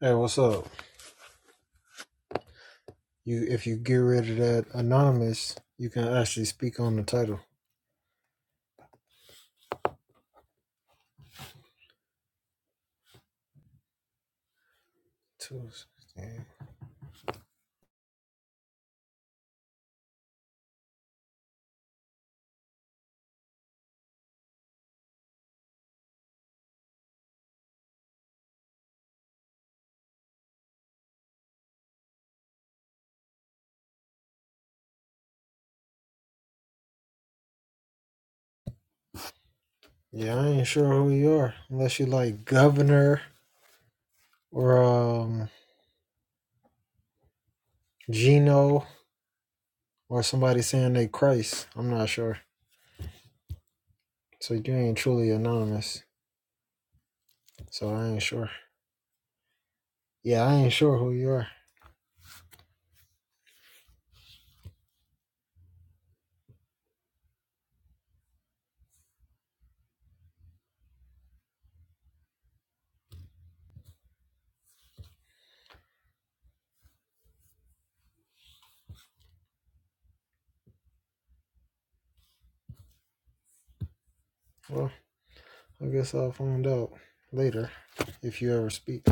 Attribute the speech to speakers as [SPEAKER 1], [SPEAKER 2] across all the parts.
[SPEAKER 1] Hey, what's up? You if you get rid of that anonymous, you can actually speak on the title. Tuesday. Yeah, I ain't sure who you are unless you like governor or um Gino or somebody saying they Christ. I'm not sure. So you ain't truly anonymous. So I ain't sure. Yeah, I ain't sure who you are. Well, I guess I'll find out later if you ever speak.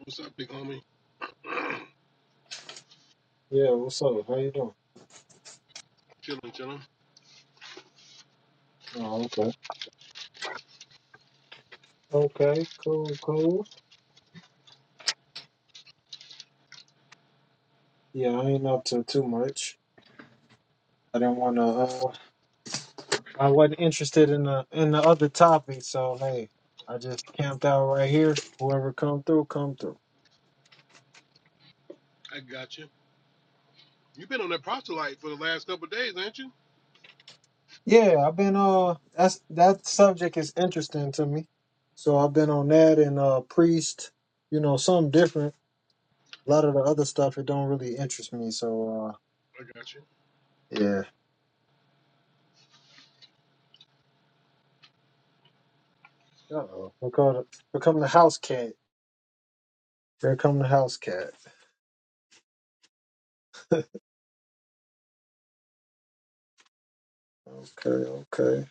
[SPEAKER 2] What's up, big homie?
[SPEAKER 1] Yeah, what's up? How you doing?
[SPEAKER 2] chilling, chilling.
[SPEAKER 1] Oh, okay. Okay, cool, cool. Yeah, I ain't up to too much. I didn't want to. Uh, I wasn't interested in the in the other topic, so hey, I just camped out right here. Whoever come through, come through.
[SPEAKER 2] I got you. You've been on that prostolite for the last couple of days, ain't you?
[SPEAKER 1] Yeah, I've been. Uh, that's that subject is interesting to me, so I've been on that and uh, priest. You know, something different. A lot of the other stuff it don't really interest me. So
[SPEAKER 2] I got you.
[SPEAKER 1] uh, yeah. Uh oh. We're called. We're coming The house cat. Here come the house cat. Okay. Okay.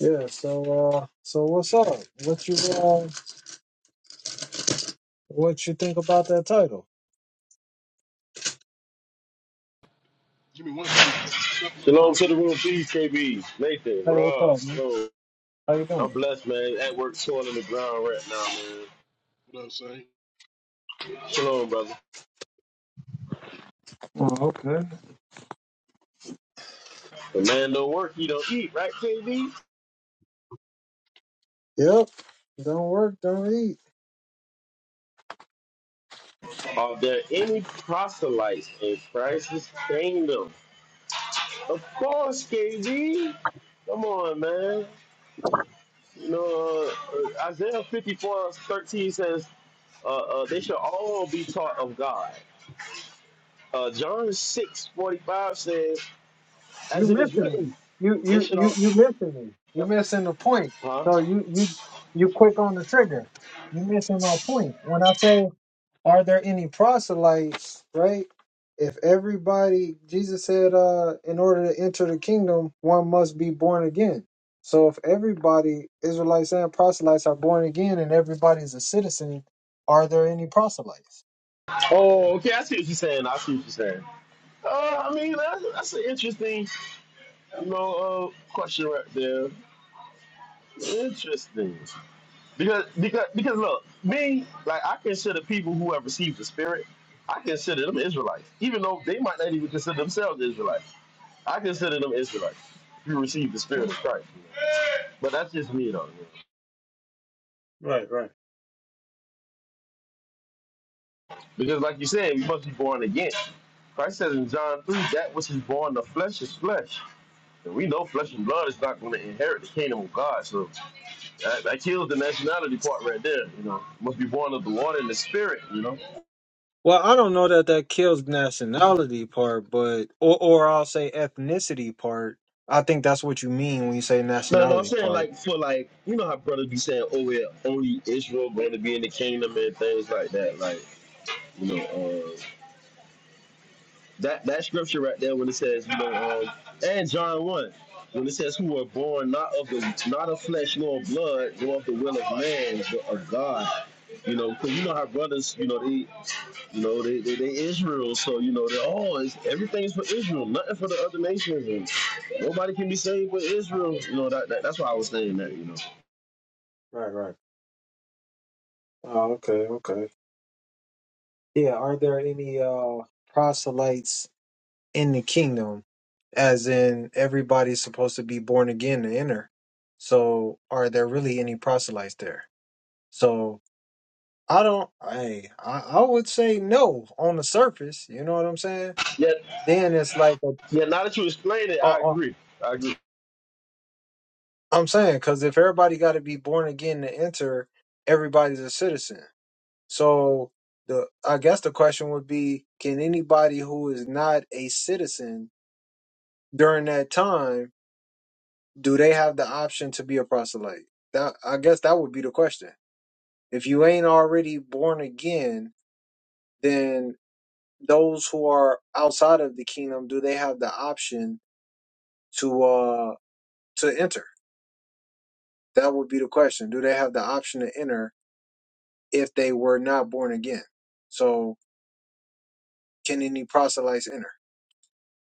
[SPEAKER 1] Yeah. So uh, so what's up? What you uh? What you think about that title?
[SPEAKER 2] Give me one something. Stuff in my
[SPEAKER 3] Shalom
[SPEAKER 2] mouth.
[SPEAKER 3] to
[SPEAKER 2] Give
[SPEAKER 3] the
[SPEAKER 2] me
[SPEAKER 3] room,
[SPEAKER 2] some.
[SPEAKER 3] please, KB, Nathan,
[SPEAKER 1] Hey, what's
[SPEAKER 3] Rob.
[SPEAKER 1] up, man?
[SPEAKER 3] Shalom.
[SPEAKER 1] How you
[SPEAKER 3] I'm
[SPEAKER 1] doing?
[SPEAKER 3] blessed, man. At work, soil in the ground right now, man.
[SPEAKER 2] You know what I'm saying?
[SPEAKER 3] Shalom, brother.
[SPEAKER 1] Oh, okay.
[SPEAKER 3] The man don't work, he don't eat, right, KB?
[SPEAKER 1] Yep. Don't work, don't eat.
[SPEAKER 3] Are there any proselytes in Christ's kingdom? Of course, KB. Come on, man. You know, uh, Isaiah 54:13 says, uh, uh, they shall all be taught of God. Uh, John 6:45 says,
[SPEAKER 1] You
[SPEAKER 3] as it is
[SPEAKER 1] missing me.
[SPEAKER 3] written,
[SPEAKER 1] You
[SPEAKER 3] they
[SPEAKER 1] you
[SPEAKER 3] shall
[SPEAKER 1] you you
[SPEAKER 3] all,
[SPEAKER 1] missing me. You missing the point.
[SPEAKER 3] huh?
[SPEAKER 1] So you you you quick on the trigger. You missing my point. When I say Are there any proselytes, right? If everybody, Jesus said, uh, in order to enter the kingdom, one must be born again. So if everybody, Israelites and proselytes, are born again and everybody's a citizen, are there any proselytes?
[SPEAKER 3] Oh, okay. I see what you're saying. I see what you're saying. Uh, I mean, that's, that's an interesting, you know, uh, question right there. Interesting, because because because look, me like I consider people who have received the Spirit, I consider them Israelites, even though they might not even consider themselves Israelites. I consider them Israelites who received the Spirit of Christ. But that's just me, though.
[SPEAKER 1] Right, right.
[SPEAKER 3] Because like you said, we must be born again. Christ says in John three, that which is born of flesh is flesh And we know flesh and blood is not going to inherit the kingdom of God. So that, that kills the nationality part right there. You know, must be born of the water and the spirit. You know.
[SPEAKER 1] Well, I don't know that that kills nationality part, but or or I'll say ethnicity part. I think that's what you mean when you say
[SPEAKER 3] No, no, I'm
[SPEAKER 1] nationality
[SPEAKER 3] saying
[SPEAKER 1] part.
[SPEAKER 3] like for like you know how brothers be saying, oh yeah, only Israel going to be in the kingdom and things like that. Like you know, uh, that that scripture right there when it says you know, um, and John one. When it says who are born not of the not of flesh nor of blood nor of the will of man but of God, you know, because you know how brothers, you know, they You know, they, they, they Israel, so you know they're all everything's for Israel, nothing for the other nations. And nobody can be saved with Israel. You know, that, that that's why I was saying that, you know.
[SPEAKER 1] Right, right. Oh, okay, okay. Yeah, are there any uh proselytes in the kingdom, as in everybody's supposed to be born again to enter. So, are there really any proselytes there? So, I don't. I I, I would say no on the surface. You know what I'm saying?
[SPEAKER 3] Yeah,
[SPEAKER 1] Then it's like a,
[SPEAKER 3] yeah, now that you explain it,
[SPEAKER 1] uh,
[SPEAKER 3] I
[SPEAKER 1] uh,
[SPEAKER 3] agree. I agree.
[SPEAKER 1] I'm saying because if everybody got to be born again to enter, everybody's a citizen. So the I guess the question would be: Can anybody who is not a citizen during that time? do they have the option to be a proselyte? That I guess that would be the question. If you ain't already born again, then those who are outside of the kingdom, do they have the option to uh to enter? That would be the question. Do they have the option to enter if they were not born again? So can any proselytes enter?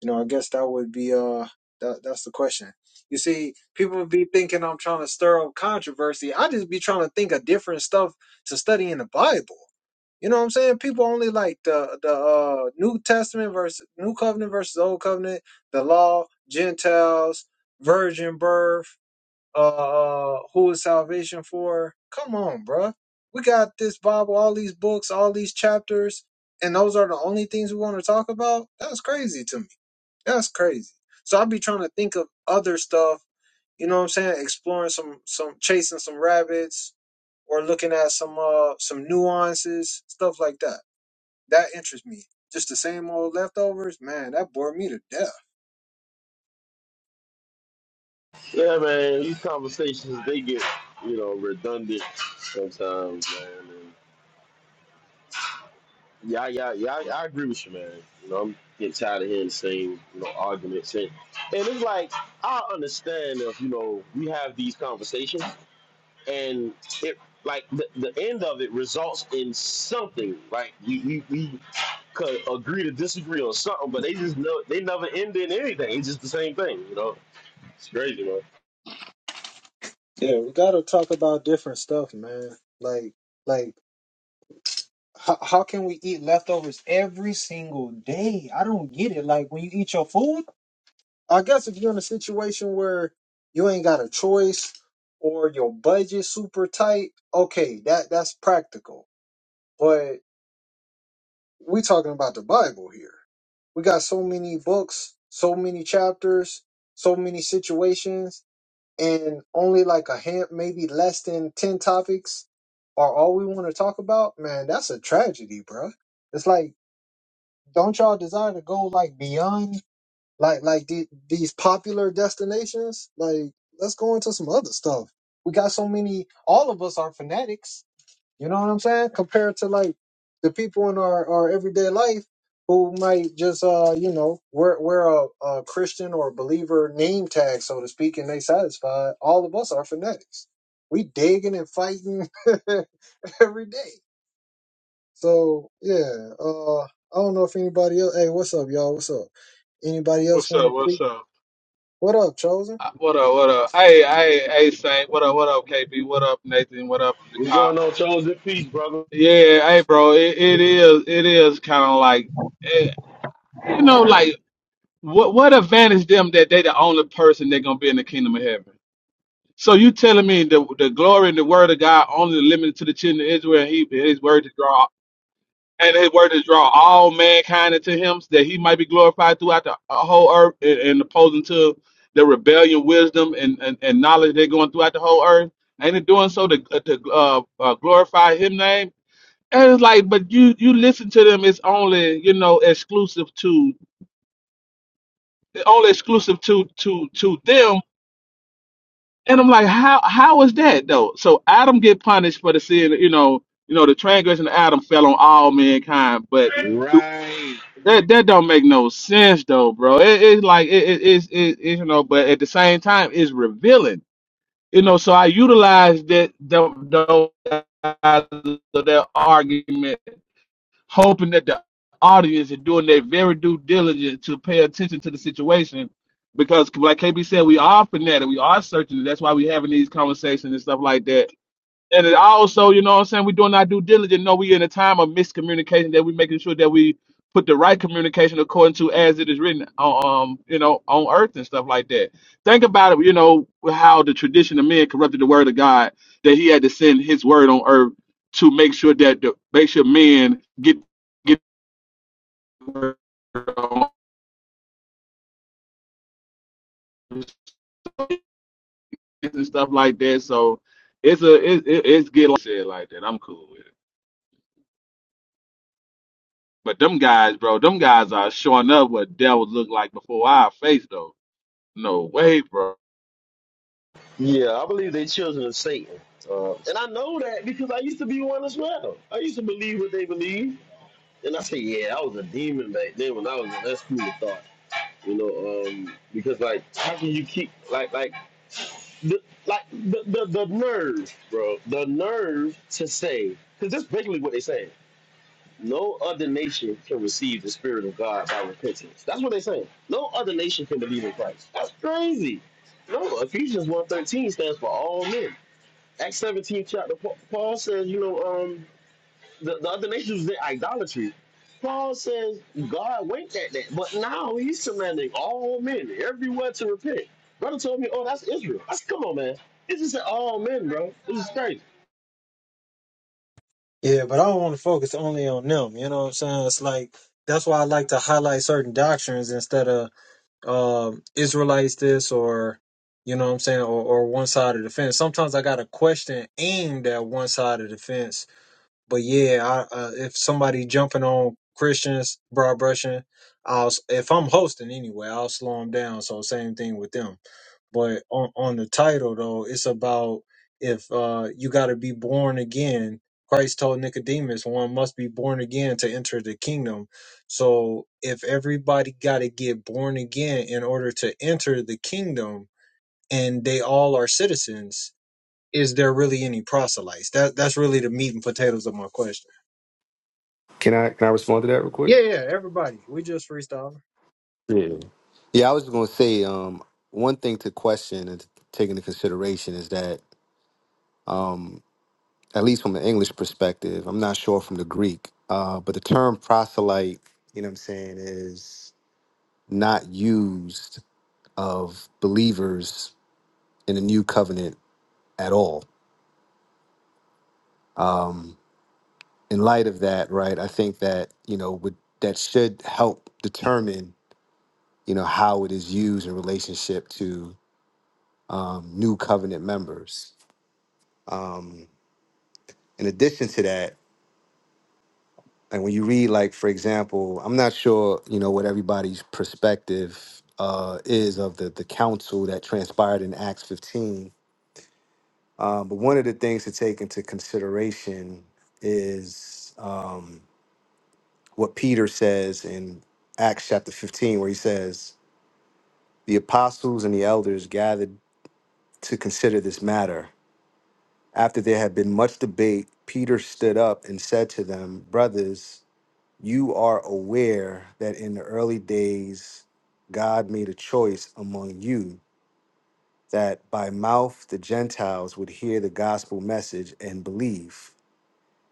[SPEAKER 1] You know, I guess that would be uh that that's the question. You see, people would be thinking I'm trying to stir up controversy. I just be trying to think of different stuff to study in the Bible. You know what I'm saying? People only like the the uh, New Testament versus New Covenant versus Old Covenant, the law, Gentiles, virgin birth, uh, uh who is salvation for? Come on, bruh. We got this Bible, all these books, all these chapters, and those are the only things we want to talk about. That's crazy to me. That's crazy. So I'll be trying to think of other stuff, you know what I'm saying? Exploring some some chasing some rabbits or looking at some uh some nuances, stuff like that. That interests me. Just the same old leftovers, man, that bored me to death.
[SPEAKER 3] Yeah, man, these conversations they get, you know, redundant sometimes, man. And yeah, yeah, yeah, I, I agree with you, man. You know, I'm getting tired of hearing the same, you know, arguments and and it's like I understand if, you know, we have these conversations and it like the, the end of it results in something like we, we, we could agree to disagree on something but they just know they never end in anything it's just the same thing you know it's crazy man
[SPEAKER 1] Yeah, we gotta talk about different stuff, man. Like like how, how can we eat leftovers every single day? I don't get it. Like when you eat your food, I guess if you're in a situation where you ain't got a choice or your budget's super tight, okay, that that's practical. But we talking about the Bible here. We got so many books, so many chapters, so many situations, and only like a hand, maybe less than ten topics are all we want to talk about. Man, that's a tragedy, bro. It's like, don't y'all desire to go like beyond? Like like the, these popular destinations. Like let's go into some other stuff. We got so many. All of us are fanatics. You know what I'm saying? Compared to like the people in our our everyday life who might just uh you know wear wear a, a Christian or believer name tag so to speak, and they satisfied. All of us are fanatics. We digging and fighting every day. So yeah, uh, I don't know if anybody else. Hey, what's up, y'all? What's up? Anybody else
[SPEAKER 4] What's
[SPEAKER 1] want
[SPEAKER 4] up?
[SPEAKER 1] to? speak?
[SPEAKER 4] What's up?
[SPEAKER 1] What up, Chosen?
[SPEAKER 4] Uh, What up? What up? Hey, hey, hey, Saint. What up? What up, KB? What up, Nathan? What up, the
[SPEAKER 3] what's
[SPEAKER 4] cop?
[SPEAKER 3] going on chosen peace brother
[SPEAKER 4] Yeah, hey, bro. It, it is. It is kind of like, eh, you know, like what what advantage them that they the only person that gonna be in the kingdom of heaven. So you telling me the the glory and the word of God only limited to the children of Israel? and He his word to draw and his word is draw all mankind into him that he might be glorified throughout the uh, whole earth and, and opposing to the rebellion wisdom and, and, and knowledge they're going throughout the whole earth and in doing so to, uh, to uh, uh, glorify him name and it's like but you you listen to them it's only you know exclusive to only exclusive to to to them and i'm like how how is that though so adam get punished for the sin you know you know the transgression of adam fell on all mankind but
[SPEAKER 3] Right.
[SPEAKER 4] That that don't make no sense though, bro. It, it's like it, it, it's it, it you know, but at the same time, it's revealing. You know, so I utilized that the, the, that argument, hoping that the audience is doing their very due diligence to pay attention to the situation, because like KB said, we are fanatic, we are searching. That's why we having these conversations and stuff like that and it also, you know what I'm saying, we're doing our due diligence. No, we in a time of miscommunication that we making sure that we put the right communication according to as it is written on um, you know, on earth and stuff like that. Think about it, you know, how the tradition of men corrupted the word of God, that he had to send his word on earth to make sure that the make sure men get get the word on earth and stuff like that. So it's a it, it, it's get like said like that. I'm cool with it. But them guys, bro, them guys are showing up what devils look like before our face, though. No way, bro.
[SPEAKER 3] yeah i believe they're children of satan uh, and i know that because i used to be one as well i used to believe what they believe and i say yeah i was a demon back then when i was in that school of thought you know um because like how can you keep like like the, like the, the the nerve, bro, the nerve to say, because that's basically what they saying. No other nation can receive the spirit of God by repentance. That's what they saying. No other nation can believe in Christ. That's crazy. No, Ephesians one thirteen stands for all men. Acts 17 chapter, Paul says, you know, um, the, the other nations did idolatry. Paul says God winked at that, but now he's commanding all men everywhere to repent. Brother told me, oh, that's Israel. I said, come on, man. It just said all men, bro. This is crazy.
[SPEAKER 1] Yeah, but I don't want to focus only on them. You know what I'm saying? It's like that's why I like to highlight certain doctrines instead of um, Israelites this or you know what I'm saying or, or one side of the fence. Sometimes I got a question aimed at one side of the fence. But yeah, I, uh, if somebody jumping on Christians, broad brushing, I'll s- if I'm hosting anyway, I'll slow them down. So same thing with them. But on, on the title though, it's about if uh, you got to be born again. Christ told Nicodemus, one must be born again to enter the kingdom. So if everybody got to get born again in order to enter the kingdom, and they all are citizens, is there really any proselytes? That that's really the meat and potatoes of my question.
[SPEAKER 5] Can I can I respond to that real quick?
[SPEAKER 1] Yeah, yeah, everybody. We just freestyling.
[SPEAKER 5] Yeah. Yeah, I was going to say um, one thing to question and to take into consideration is that, um, at least from an English perspective, I'm not sure from the Greek, uh, but the term proselyte, you know what I'm saying, is not used of believers in the new covenant at all. Um, in light of that, right, I think that, you know, would, that should help determine, you know, how it is used in relationship to um, new covenant members. Um, in addition to that, like when you read, like for example, I'm not sure you know what everybody's perspective uh, is of the the council that transpired in Acts 15, um, but one of the things to take into consideration is um, what Peter says in Acts chapter 15, where he says, "The apostles and the elders gathered to consider this matter." After there had been much debate, Peter stood up and said to them, Brothers, you are aware that in the early days God made a choice among you that by mouth the Gentiles would hear the gospel message and believe.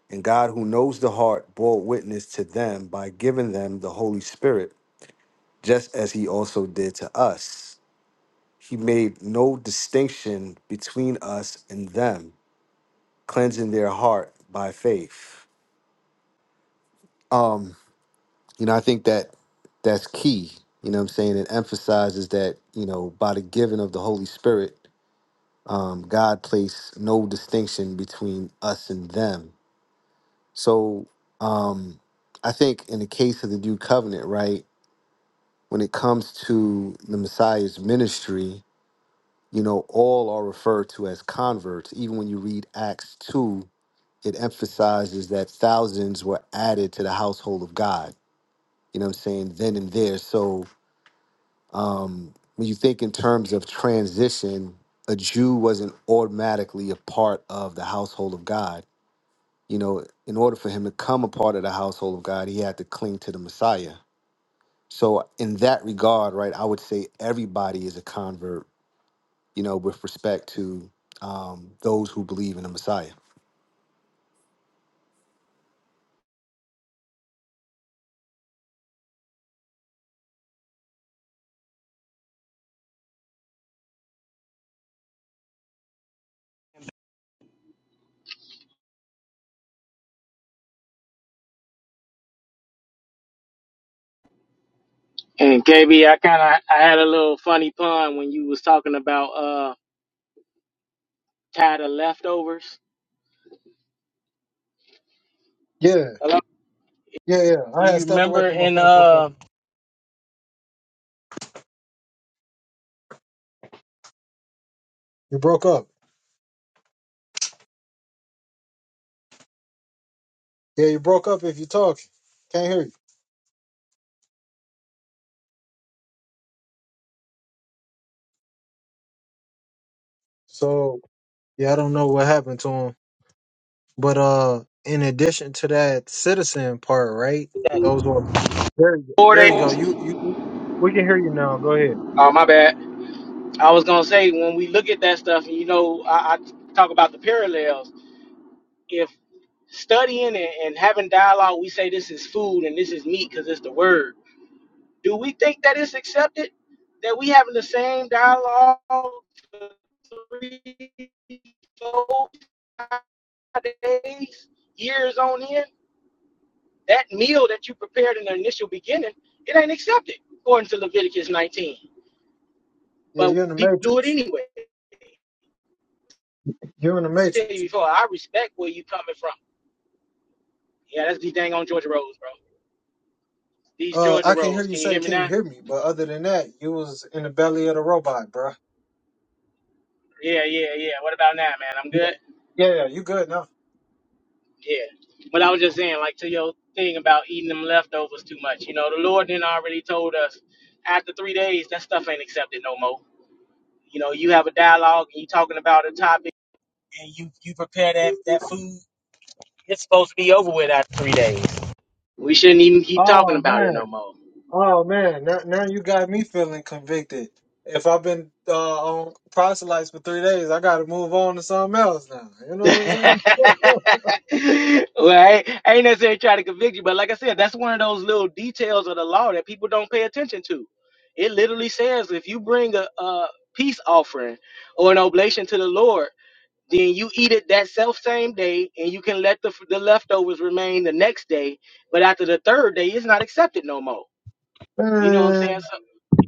[SPEAKER 5] And God, who knows the heart, bore witness to them by giving them the Holy Spirit, just as he also did to us. He made no distinction between us and them, cleansing their heart by faith. Um, you know, I think that that's key. You know what I'm saying? It emphasizes that, you know, by the giving of the Holy Spirit, um, God placed no distinction between us and them. So um, I think in the case of the new covenant, right, when it comes to the Messiah's ministry, you know, all are referred to as converts. Even when you read Acts 2, it emphasizes that thousands were added to the household of God. You know what I'm saying? Then and there. So um, when you think in terms of transition, a Jew wasn't automatically a part of the household of God. You know, in order for him to come a part of the household of God, he had to cling to the Messiah. So, in that regard, right, I would say everybody is a convert, you know, with respect to um, those who believe in the Messiah.
[SPEAKER 6] And KB, I kind of I had a little funny pun when you was talking about uh tired of leftovers.
[SPEAKER 1] Yeah,
[SPEAKER 6] Hello?
[SPEAKER 1] yeah, yeah.
[SPEAKER 6] Do
[SPEAKER 1] I had
[SPEAKER 6] you
[SPEAKER 1] stepped away
[SPEAKER 6] remember
[SPEAKER 1] from my
[SPEAKER 6] in
[SPEAKER 1] phone for a second.
[SPEAKER 6] uh
[SPEAKER 1] You broke up. Yeah, you broke up if you talk. Can't hear you. So yeah, I don't know what happened to him. But uh, in addition to that citizen part, right?
[SPEAKER 6] that
[SPEAKER 1] Those were there. You go.
[SPEAKER 6] four
[SPEAKER 1] There you go.
[SPEAKER 6] days?
[SPEAKER 1] You you. We can hear you now. Go ahead.
[SPEAKER 6] Oh my bad. I was gonna say when we look at that stuff, and you know, I, I talk about the parallels. If studying and, and having dialogue, we say this is food and this is meat because it's the word. Do we think that it's accepted that we having the same dialogue for three, four days, years on end, that meal that you prepared in the initial beginning, it ain't accepted according to Leviticus 19.
[SPEAKER 1] Yeah,
[SPEAKER 6] But
[SPEAKER 1] you're in the
[SPEAKER 6] people do it
[SPEAKER 1] matrix.
[SPEAKER 6] anyway. I
[SPEAKER 1] You're in the
[SPEAKER 6] tell you
[SPEAKER 1] matrix.
[SPEAKER 6] before, I respect where you coming from. Yeah, that's the dang on Georgia Rose, bro. These
[SPEAKER 1] Uh,
[SPEAKER 6] Georgia
[SPEAKER 1] I can hear
[SPEAKER 6] Rose.
[SPEAKER 1] you
[SPEAKER 6] Can you
[SPEAKER 1] say,
[SPEAKER 6] hear me
[SPEAKER 1] "Can you
[SPEAKER 6] now?
[SPEAKER 1] hear me?" But other than that, you was in the belly of the robot, bruh.
[SPEAKER 6] Yeah, yeah, yeah. What about now, man? I'm
[SPEAKER 1] Yeah,
[SPEAKER 6] good?
[SPEAKER 1] yeah, you good now?
[SPEAKER 6] Yeah. But I was just saying, like, to your thing about eating them leftovers too much. You know, the Lord then already told us after three days, that stuff ain't accepted no more. You know, you have a dialogue and you talking about a topic and you you prepare that that food, it's supposed to be over with after three days. We shouldn't even keep talking
[SPEAKER 1] Oh
[SPEAKER 6] about it
[SPEAKER 1] man.
[SPEAKER 6] no more.
[SPEAKER 1] Oh man, now now you got me feeling convicted. If I've been uh, on proselytes for three days, I got to move on to something else now. You know
[SPEAKER 6] right?
[SPEAKER 1] what
[SPEAKER 6] I ain't necessarily trying to convict you, but like I said, that's one of those little details of the law that people don't pay attention to. It literally says if you bring a, a peace offering or an oblation to the Lord, then you eat it that self same day, and you can let the the leftovers remain the next day. But after the third day, it's not accepted no more.
[SPEAKER 1] I'm
[SPEAKER 6] You know what I'm
[SPEAKER 1] saying?
[SPEAKER 6] saying? So,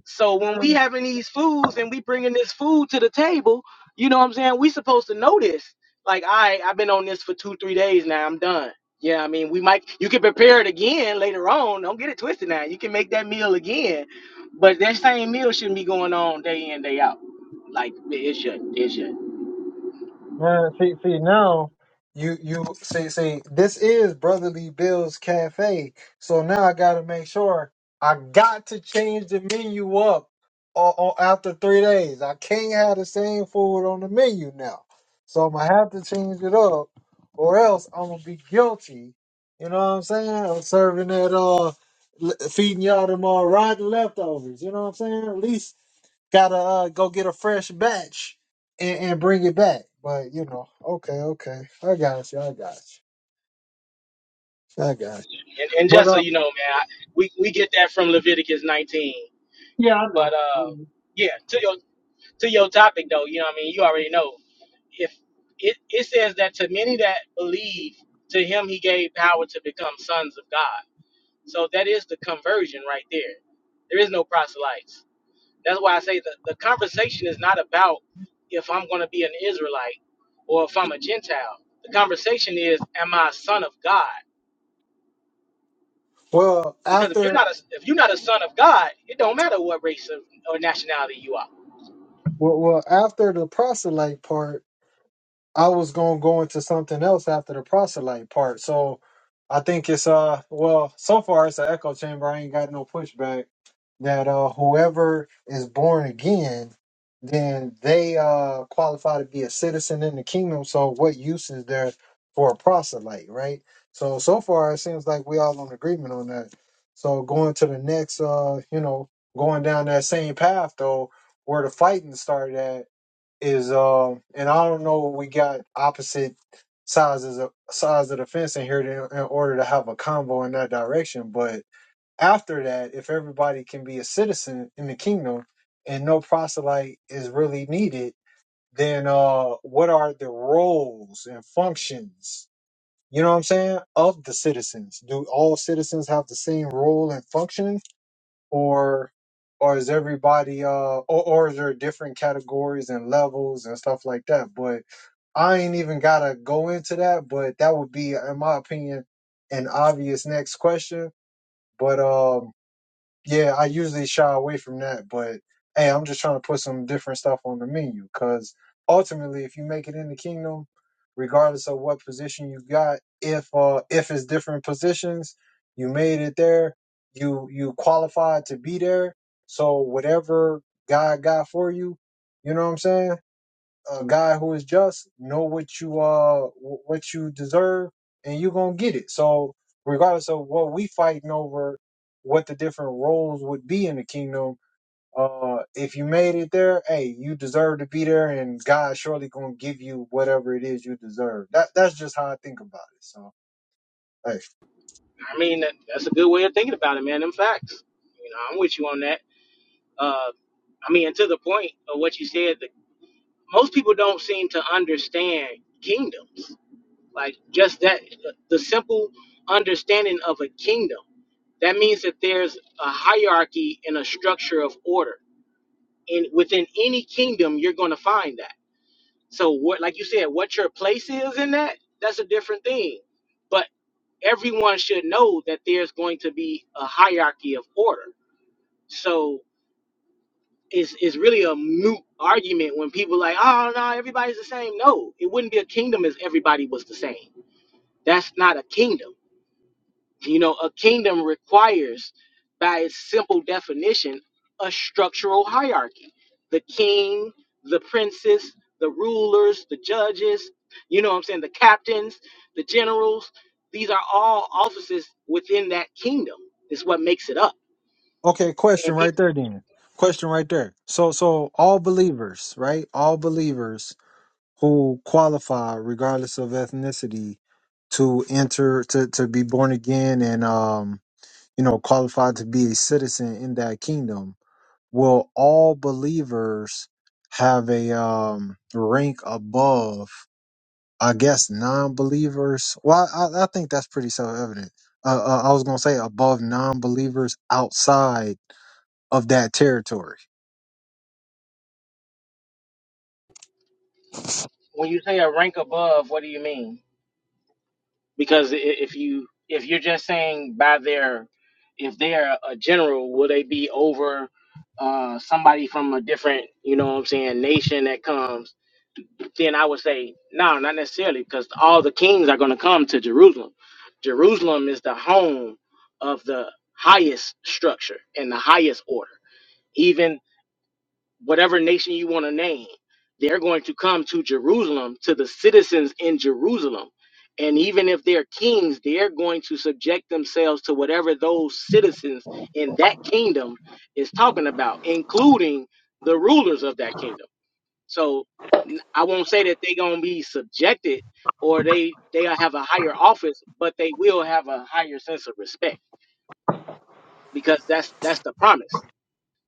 [SPEAKER 6] so
[SPEAKER 1] man,
[SPEAKER 6] when we having these foods and we bringing this food to the table, you know what I'm saying? We supposed to know this. Like, I, right, I've been on this for two, three days now. I'm done. Yeah, I mean, we might. You can prepare it again later on. Don't get it twisted now. You can make that meal again, but that same meal shouldn't be going on day in, day out. Like it should. It should.
[SPEAKER 1] Man, see, see now, you you see, see, this is Brotherly Bill's Cafe. So now I gotta make sure I got to change the menu up or, after three days. I can't have the same food on the menu now. So I'm gonna have to change it up, or else I'm gonna be guilty. You know what I'm saying? Of serving that uh, l- feeding y'all them all rotten leftovers. You know what I'm saying? At least Gotta uh, go get a fresh batch and, and bring it back. But you know, okay, okay, I got you, I got you, I got you.
[SPEAKER 6] And, and
[SPEAKER 1] But
[SPEAKER 6] just so
[SPEAKER 1] uh,
[SPEAKER 6] you know, man, I, we we get that from Leviticus 19. But uh, yeah, to your to your topic though, you know what I mean? You already know if it, it says that to many that believe to him he gave power to become sons of god so that is the conversion right there there is no proselytes that's why i say that the conversation is not about if i'm going to be an israelite or if i'm a gentile the conversation is am i a son of god
[SPEAKER 1] well,
[SPEAKER 6] because if you're
[SPEAKER 1] after
[SPEAKER 6] not a if you're not a son of god it don't matter what race of, or nationality you are
[SPEAKER 1] well, well after the proselyte part. I was gonna go into something else after the proselyte part. So I think it's uh well so far it's an echo chamber. I ain't got no pushback that uh whoever is born again, then they uh qualify to be a citizen in the kingdom. So what use is there for a proselyte, right? So so far it seems like we all on agreement on that. So going to the next uh, you know, going down that same path though, where the fighting started at is uh, and I don't know we got opposite sizes of sides of the fence in here to, in order to have a combo in that direction. But after that, if everybody can be a citizen in the kingdom and no proselyte is really needed, then uh what are the roles and functions? You know what I'm saying? Of the citizens. Do all citizens have the same role and function or or is everybody uh or, or is there different categories and levels and stuff like that but i ain't even gotta go into that but that would be in my opinion an obvious next question but um. Yeah, I usually shy away from that, but hey, I'm just trying to put some different stuff on the menu because ultimately, if you make it in the kingdom, regardless of what position you got, if uh if it's different positions, you made it there, you you qualified to be there. So whatever God got for you, you know what I'm saying? a God who is just know what you uh wh- what you deserve, and you're gonna get it. So regardless of what we fighting over, what the different roles would be in the kingdom, uh, if you made it there, hey, you deserve to be there, and God surely gonna give you whatever it is you deserve. That that's just how I think about it. So hey,
[SPEAKER 6] i mean that- that's a good way of thinking about it man them facts you know i'm with you on that Uh, I mean, and to the point of what you said, that most people don't seem to understand kingdoms. Like just that, the simple understanding of a kingdom. That means that there's a hierarchy and a structure of order. And within any kingdom, you're going to find that. So, what, like you said, what your place is in that, that's a different thing. But everyone should know that there's going to be a hierarchy of order. So, is is really a moot argument when people like, oh no, everybody's the same. No, it wouldn't be a kingdom if everybody was the same. That's not a kingdom. You know, a kingdom requires, by its simple definition, a structural hierarchy. The king, the princes, the rulers, the judges, you know what I'm saying, the captains, the generals, these are all offices within that kingdom. Is what makes it up.
[SPEAKER 1] okay, question
[SPEAKER 6] And
[SPEAKER 1] right
[SPEAKER 6] people
[SPEAKER 1] there, then. Question right there. So so all believers, right? All believers who qualify regardless of ethnicity to enter to, to be born again and um you know qualified to be a citizen in that kingdom will all believers have a um rank above i guess non-believers well i, I think that's pretty self-evident uh, uh, i was gonna say above non-believers outside of that territory
[SPEAKER 6] when you say a rank above, what do you mean? because i- if you if you're just saying by their if they're a general will they be over uh somebody from a different you know what i'm saying nation that comes then i would say no not necessarily because all the kings are going to come to jerusalem jerusalem is the home of the highest structure and the highest order even whatever nation you want to name, they're going to come to Jerusalem, to the citizens in Jerusalem. And even if they're kings, they're going to subject themselves to whatever those citizens in that kingdom is talking about, including the rulers of that kingdom. So n- I won't say that they're going to be subjected or they they'll have a higher office, but they will have a higher sense of respect because that's that's the promise.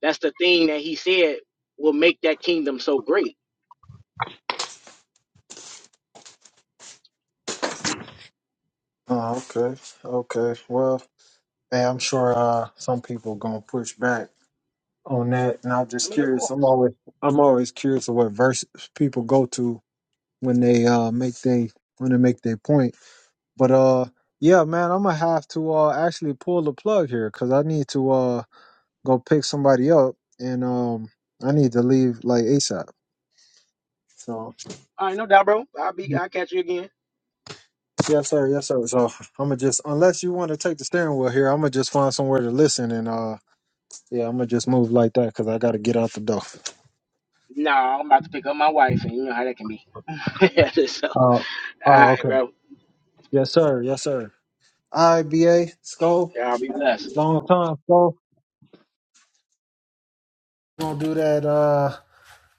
[SPEAKER 6] That's the thing that he said will make that kingdom so great
[SPEAKER 1] oh okay okay well hey, i'm sure uh some people gonna push back on that, and I'm
[SPEAKER 6] I
[SPEAKER 1] just
[SPEAKER 6] mean, of
[SPEAKER 1] curious.
[SPEAKER 6] course.
[SPEAKER 1] I'm always I'm always curious of what verses people go to when they uh make they when they make their point. But uh, yeah, man, I'm gonna have to uh actually pull the plug here because I need to uh go pick somebody up, and um I need to leave like ASAP. So
[SPEAKER 6] All right, no doubt, bro. I'll be. I'll catch you again.
[SPEAKER 1] yes, sir, yes, sir. So I'm gonna just unless you want to take the steering wheel here, I'm gonna just find somewhere to listen, and uh yeah, I'm gonna just move like that because I gotta get out the door.
[SPEAKER 6] No, I'm about to pick up my wife, and you know how that can be. so, all
[SPEAKER 1] Uh, oh,
[SPEAKER 6] right,
[SPEAKER 1] okay.
[SPEAKER 6] bro.
[SPEAKER 1] Yes, sir. Yes, sir. IBA, Skull,
[SPEAKER 6] Y'all be blessed.
[SPEAKER 1] long time, Skull. Gonna do that uh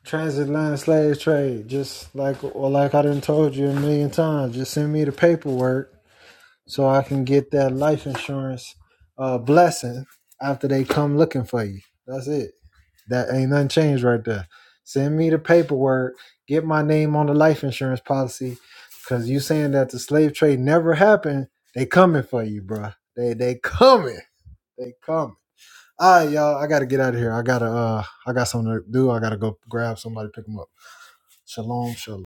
[SPEAKER 1] transatlantic slave trade. Just like or like I done told you a million times. Just send me the paperwork so I can get that life insurance uh blessing after they come looking for you. That's it. That ain't nothing changed right there. Send me the paperwork, get my name on the life insurance policy. Cause you saying that the slave trade never happened, they coming for you, bruh. They they coming. They coming. All right, y'all. I gotta get out of here. I gotta. Uh, I got something to do. I gotta go grab somebody, pick them up. Shalom, shalom.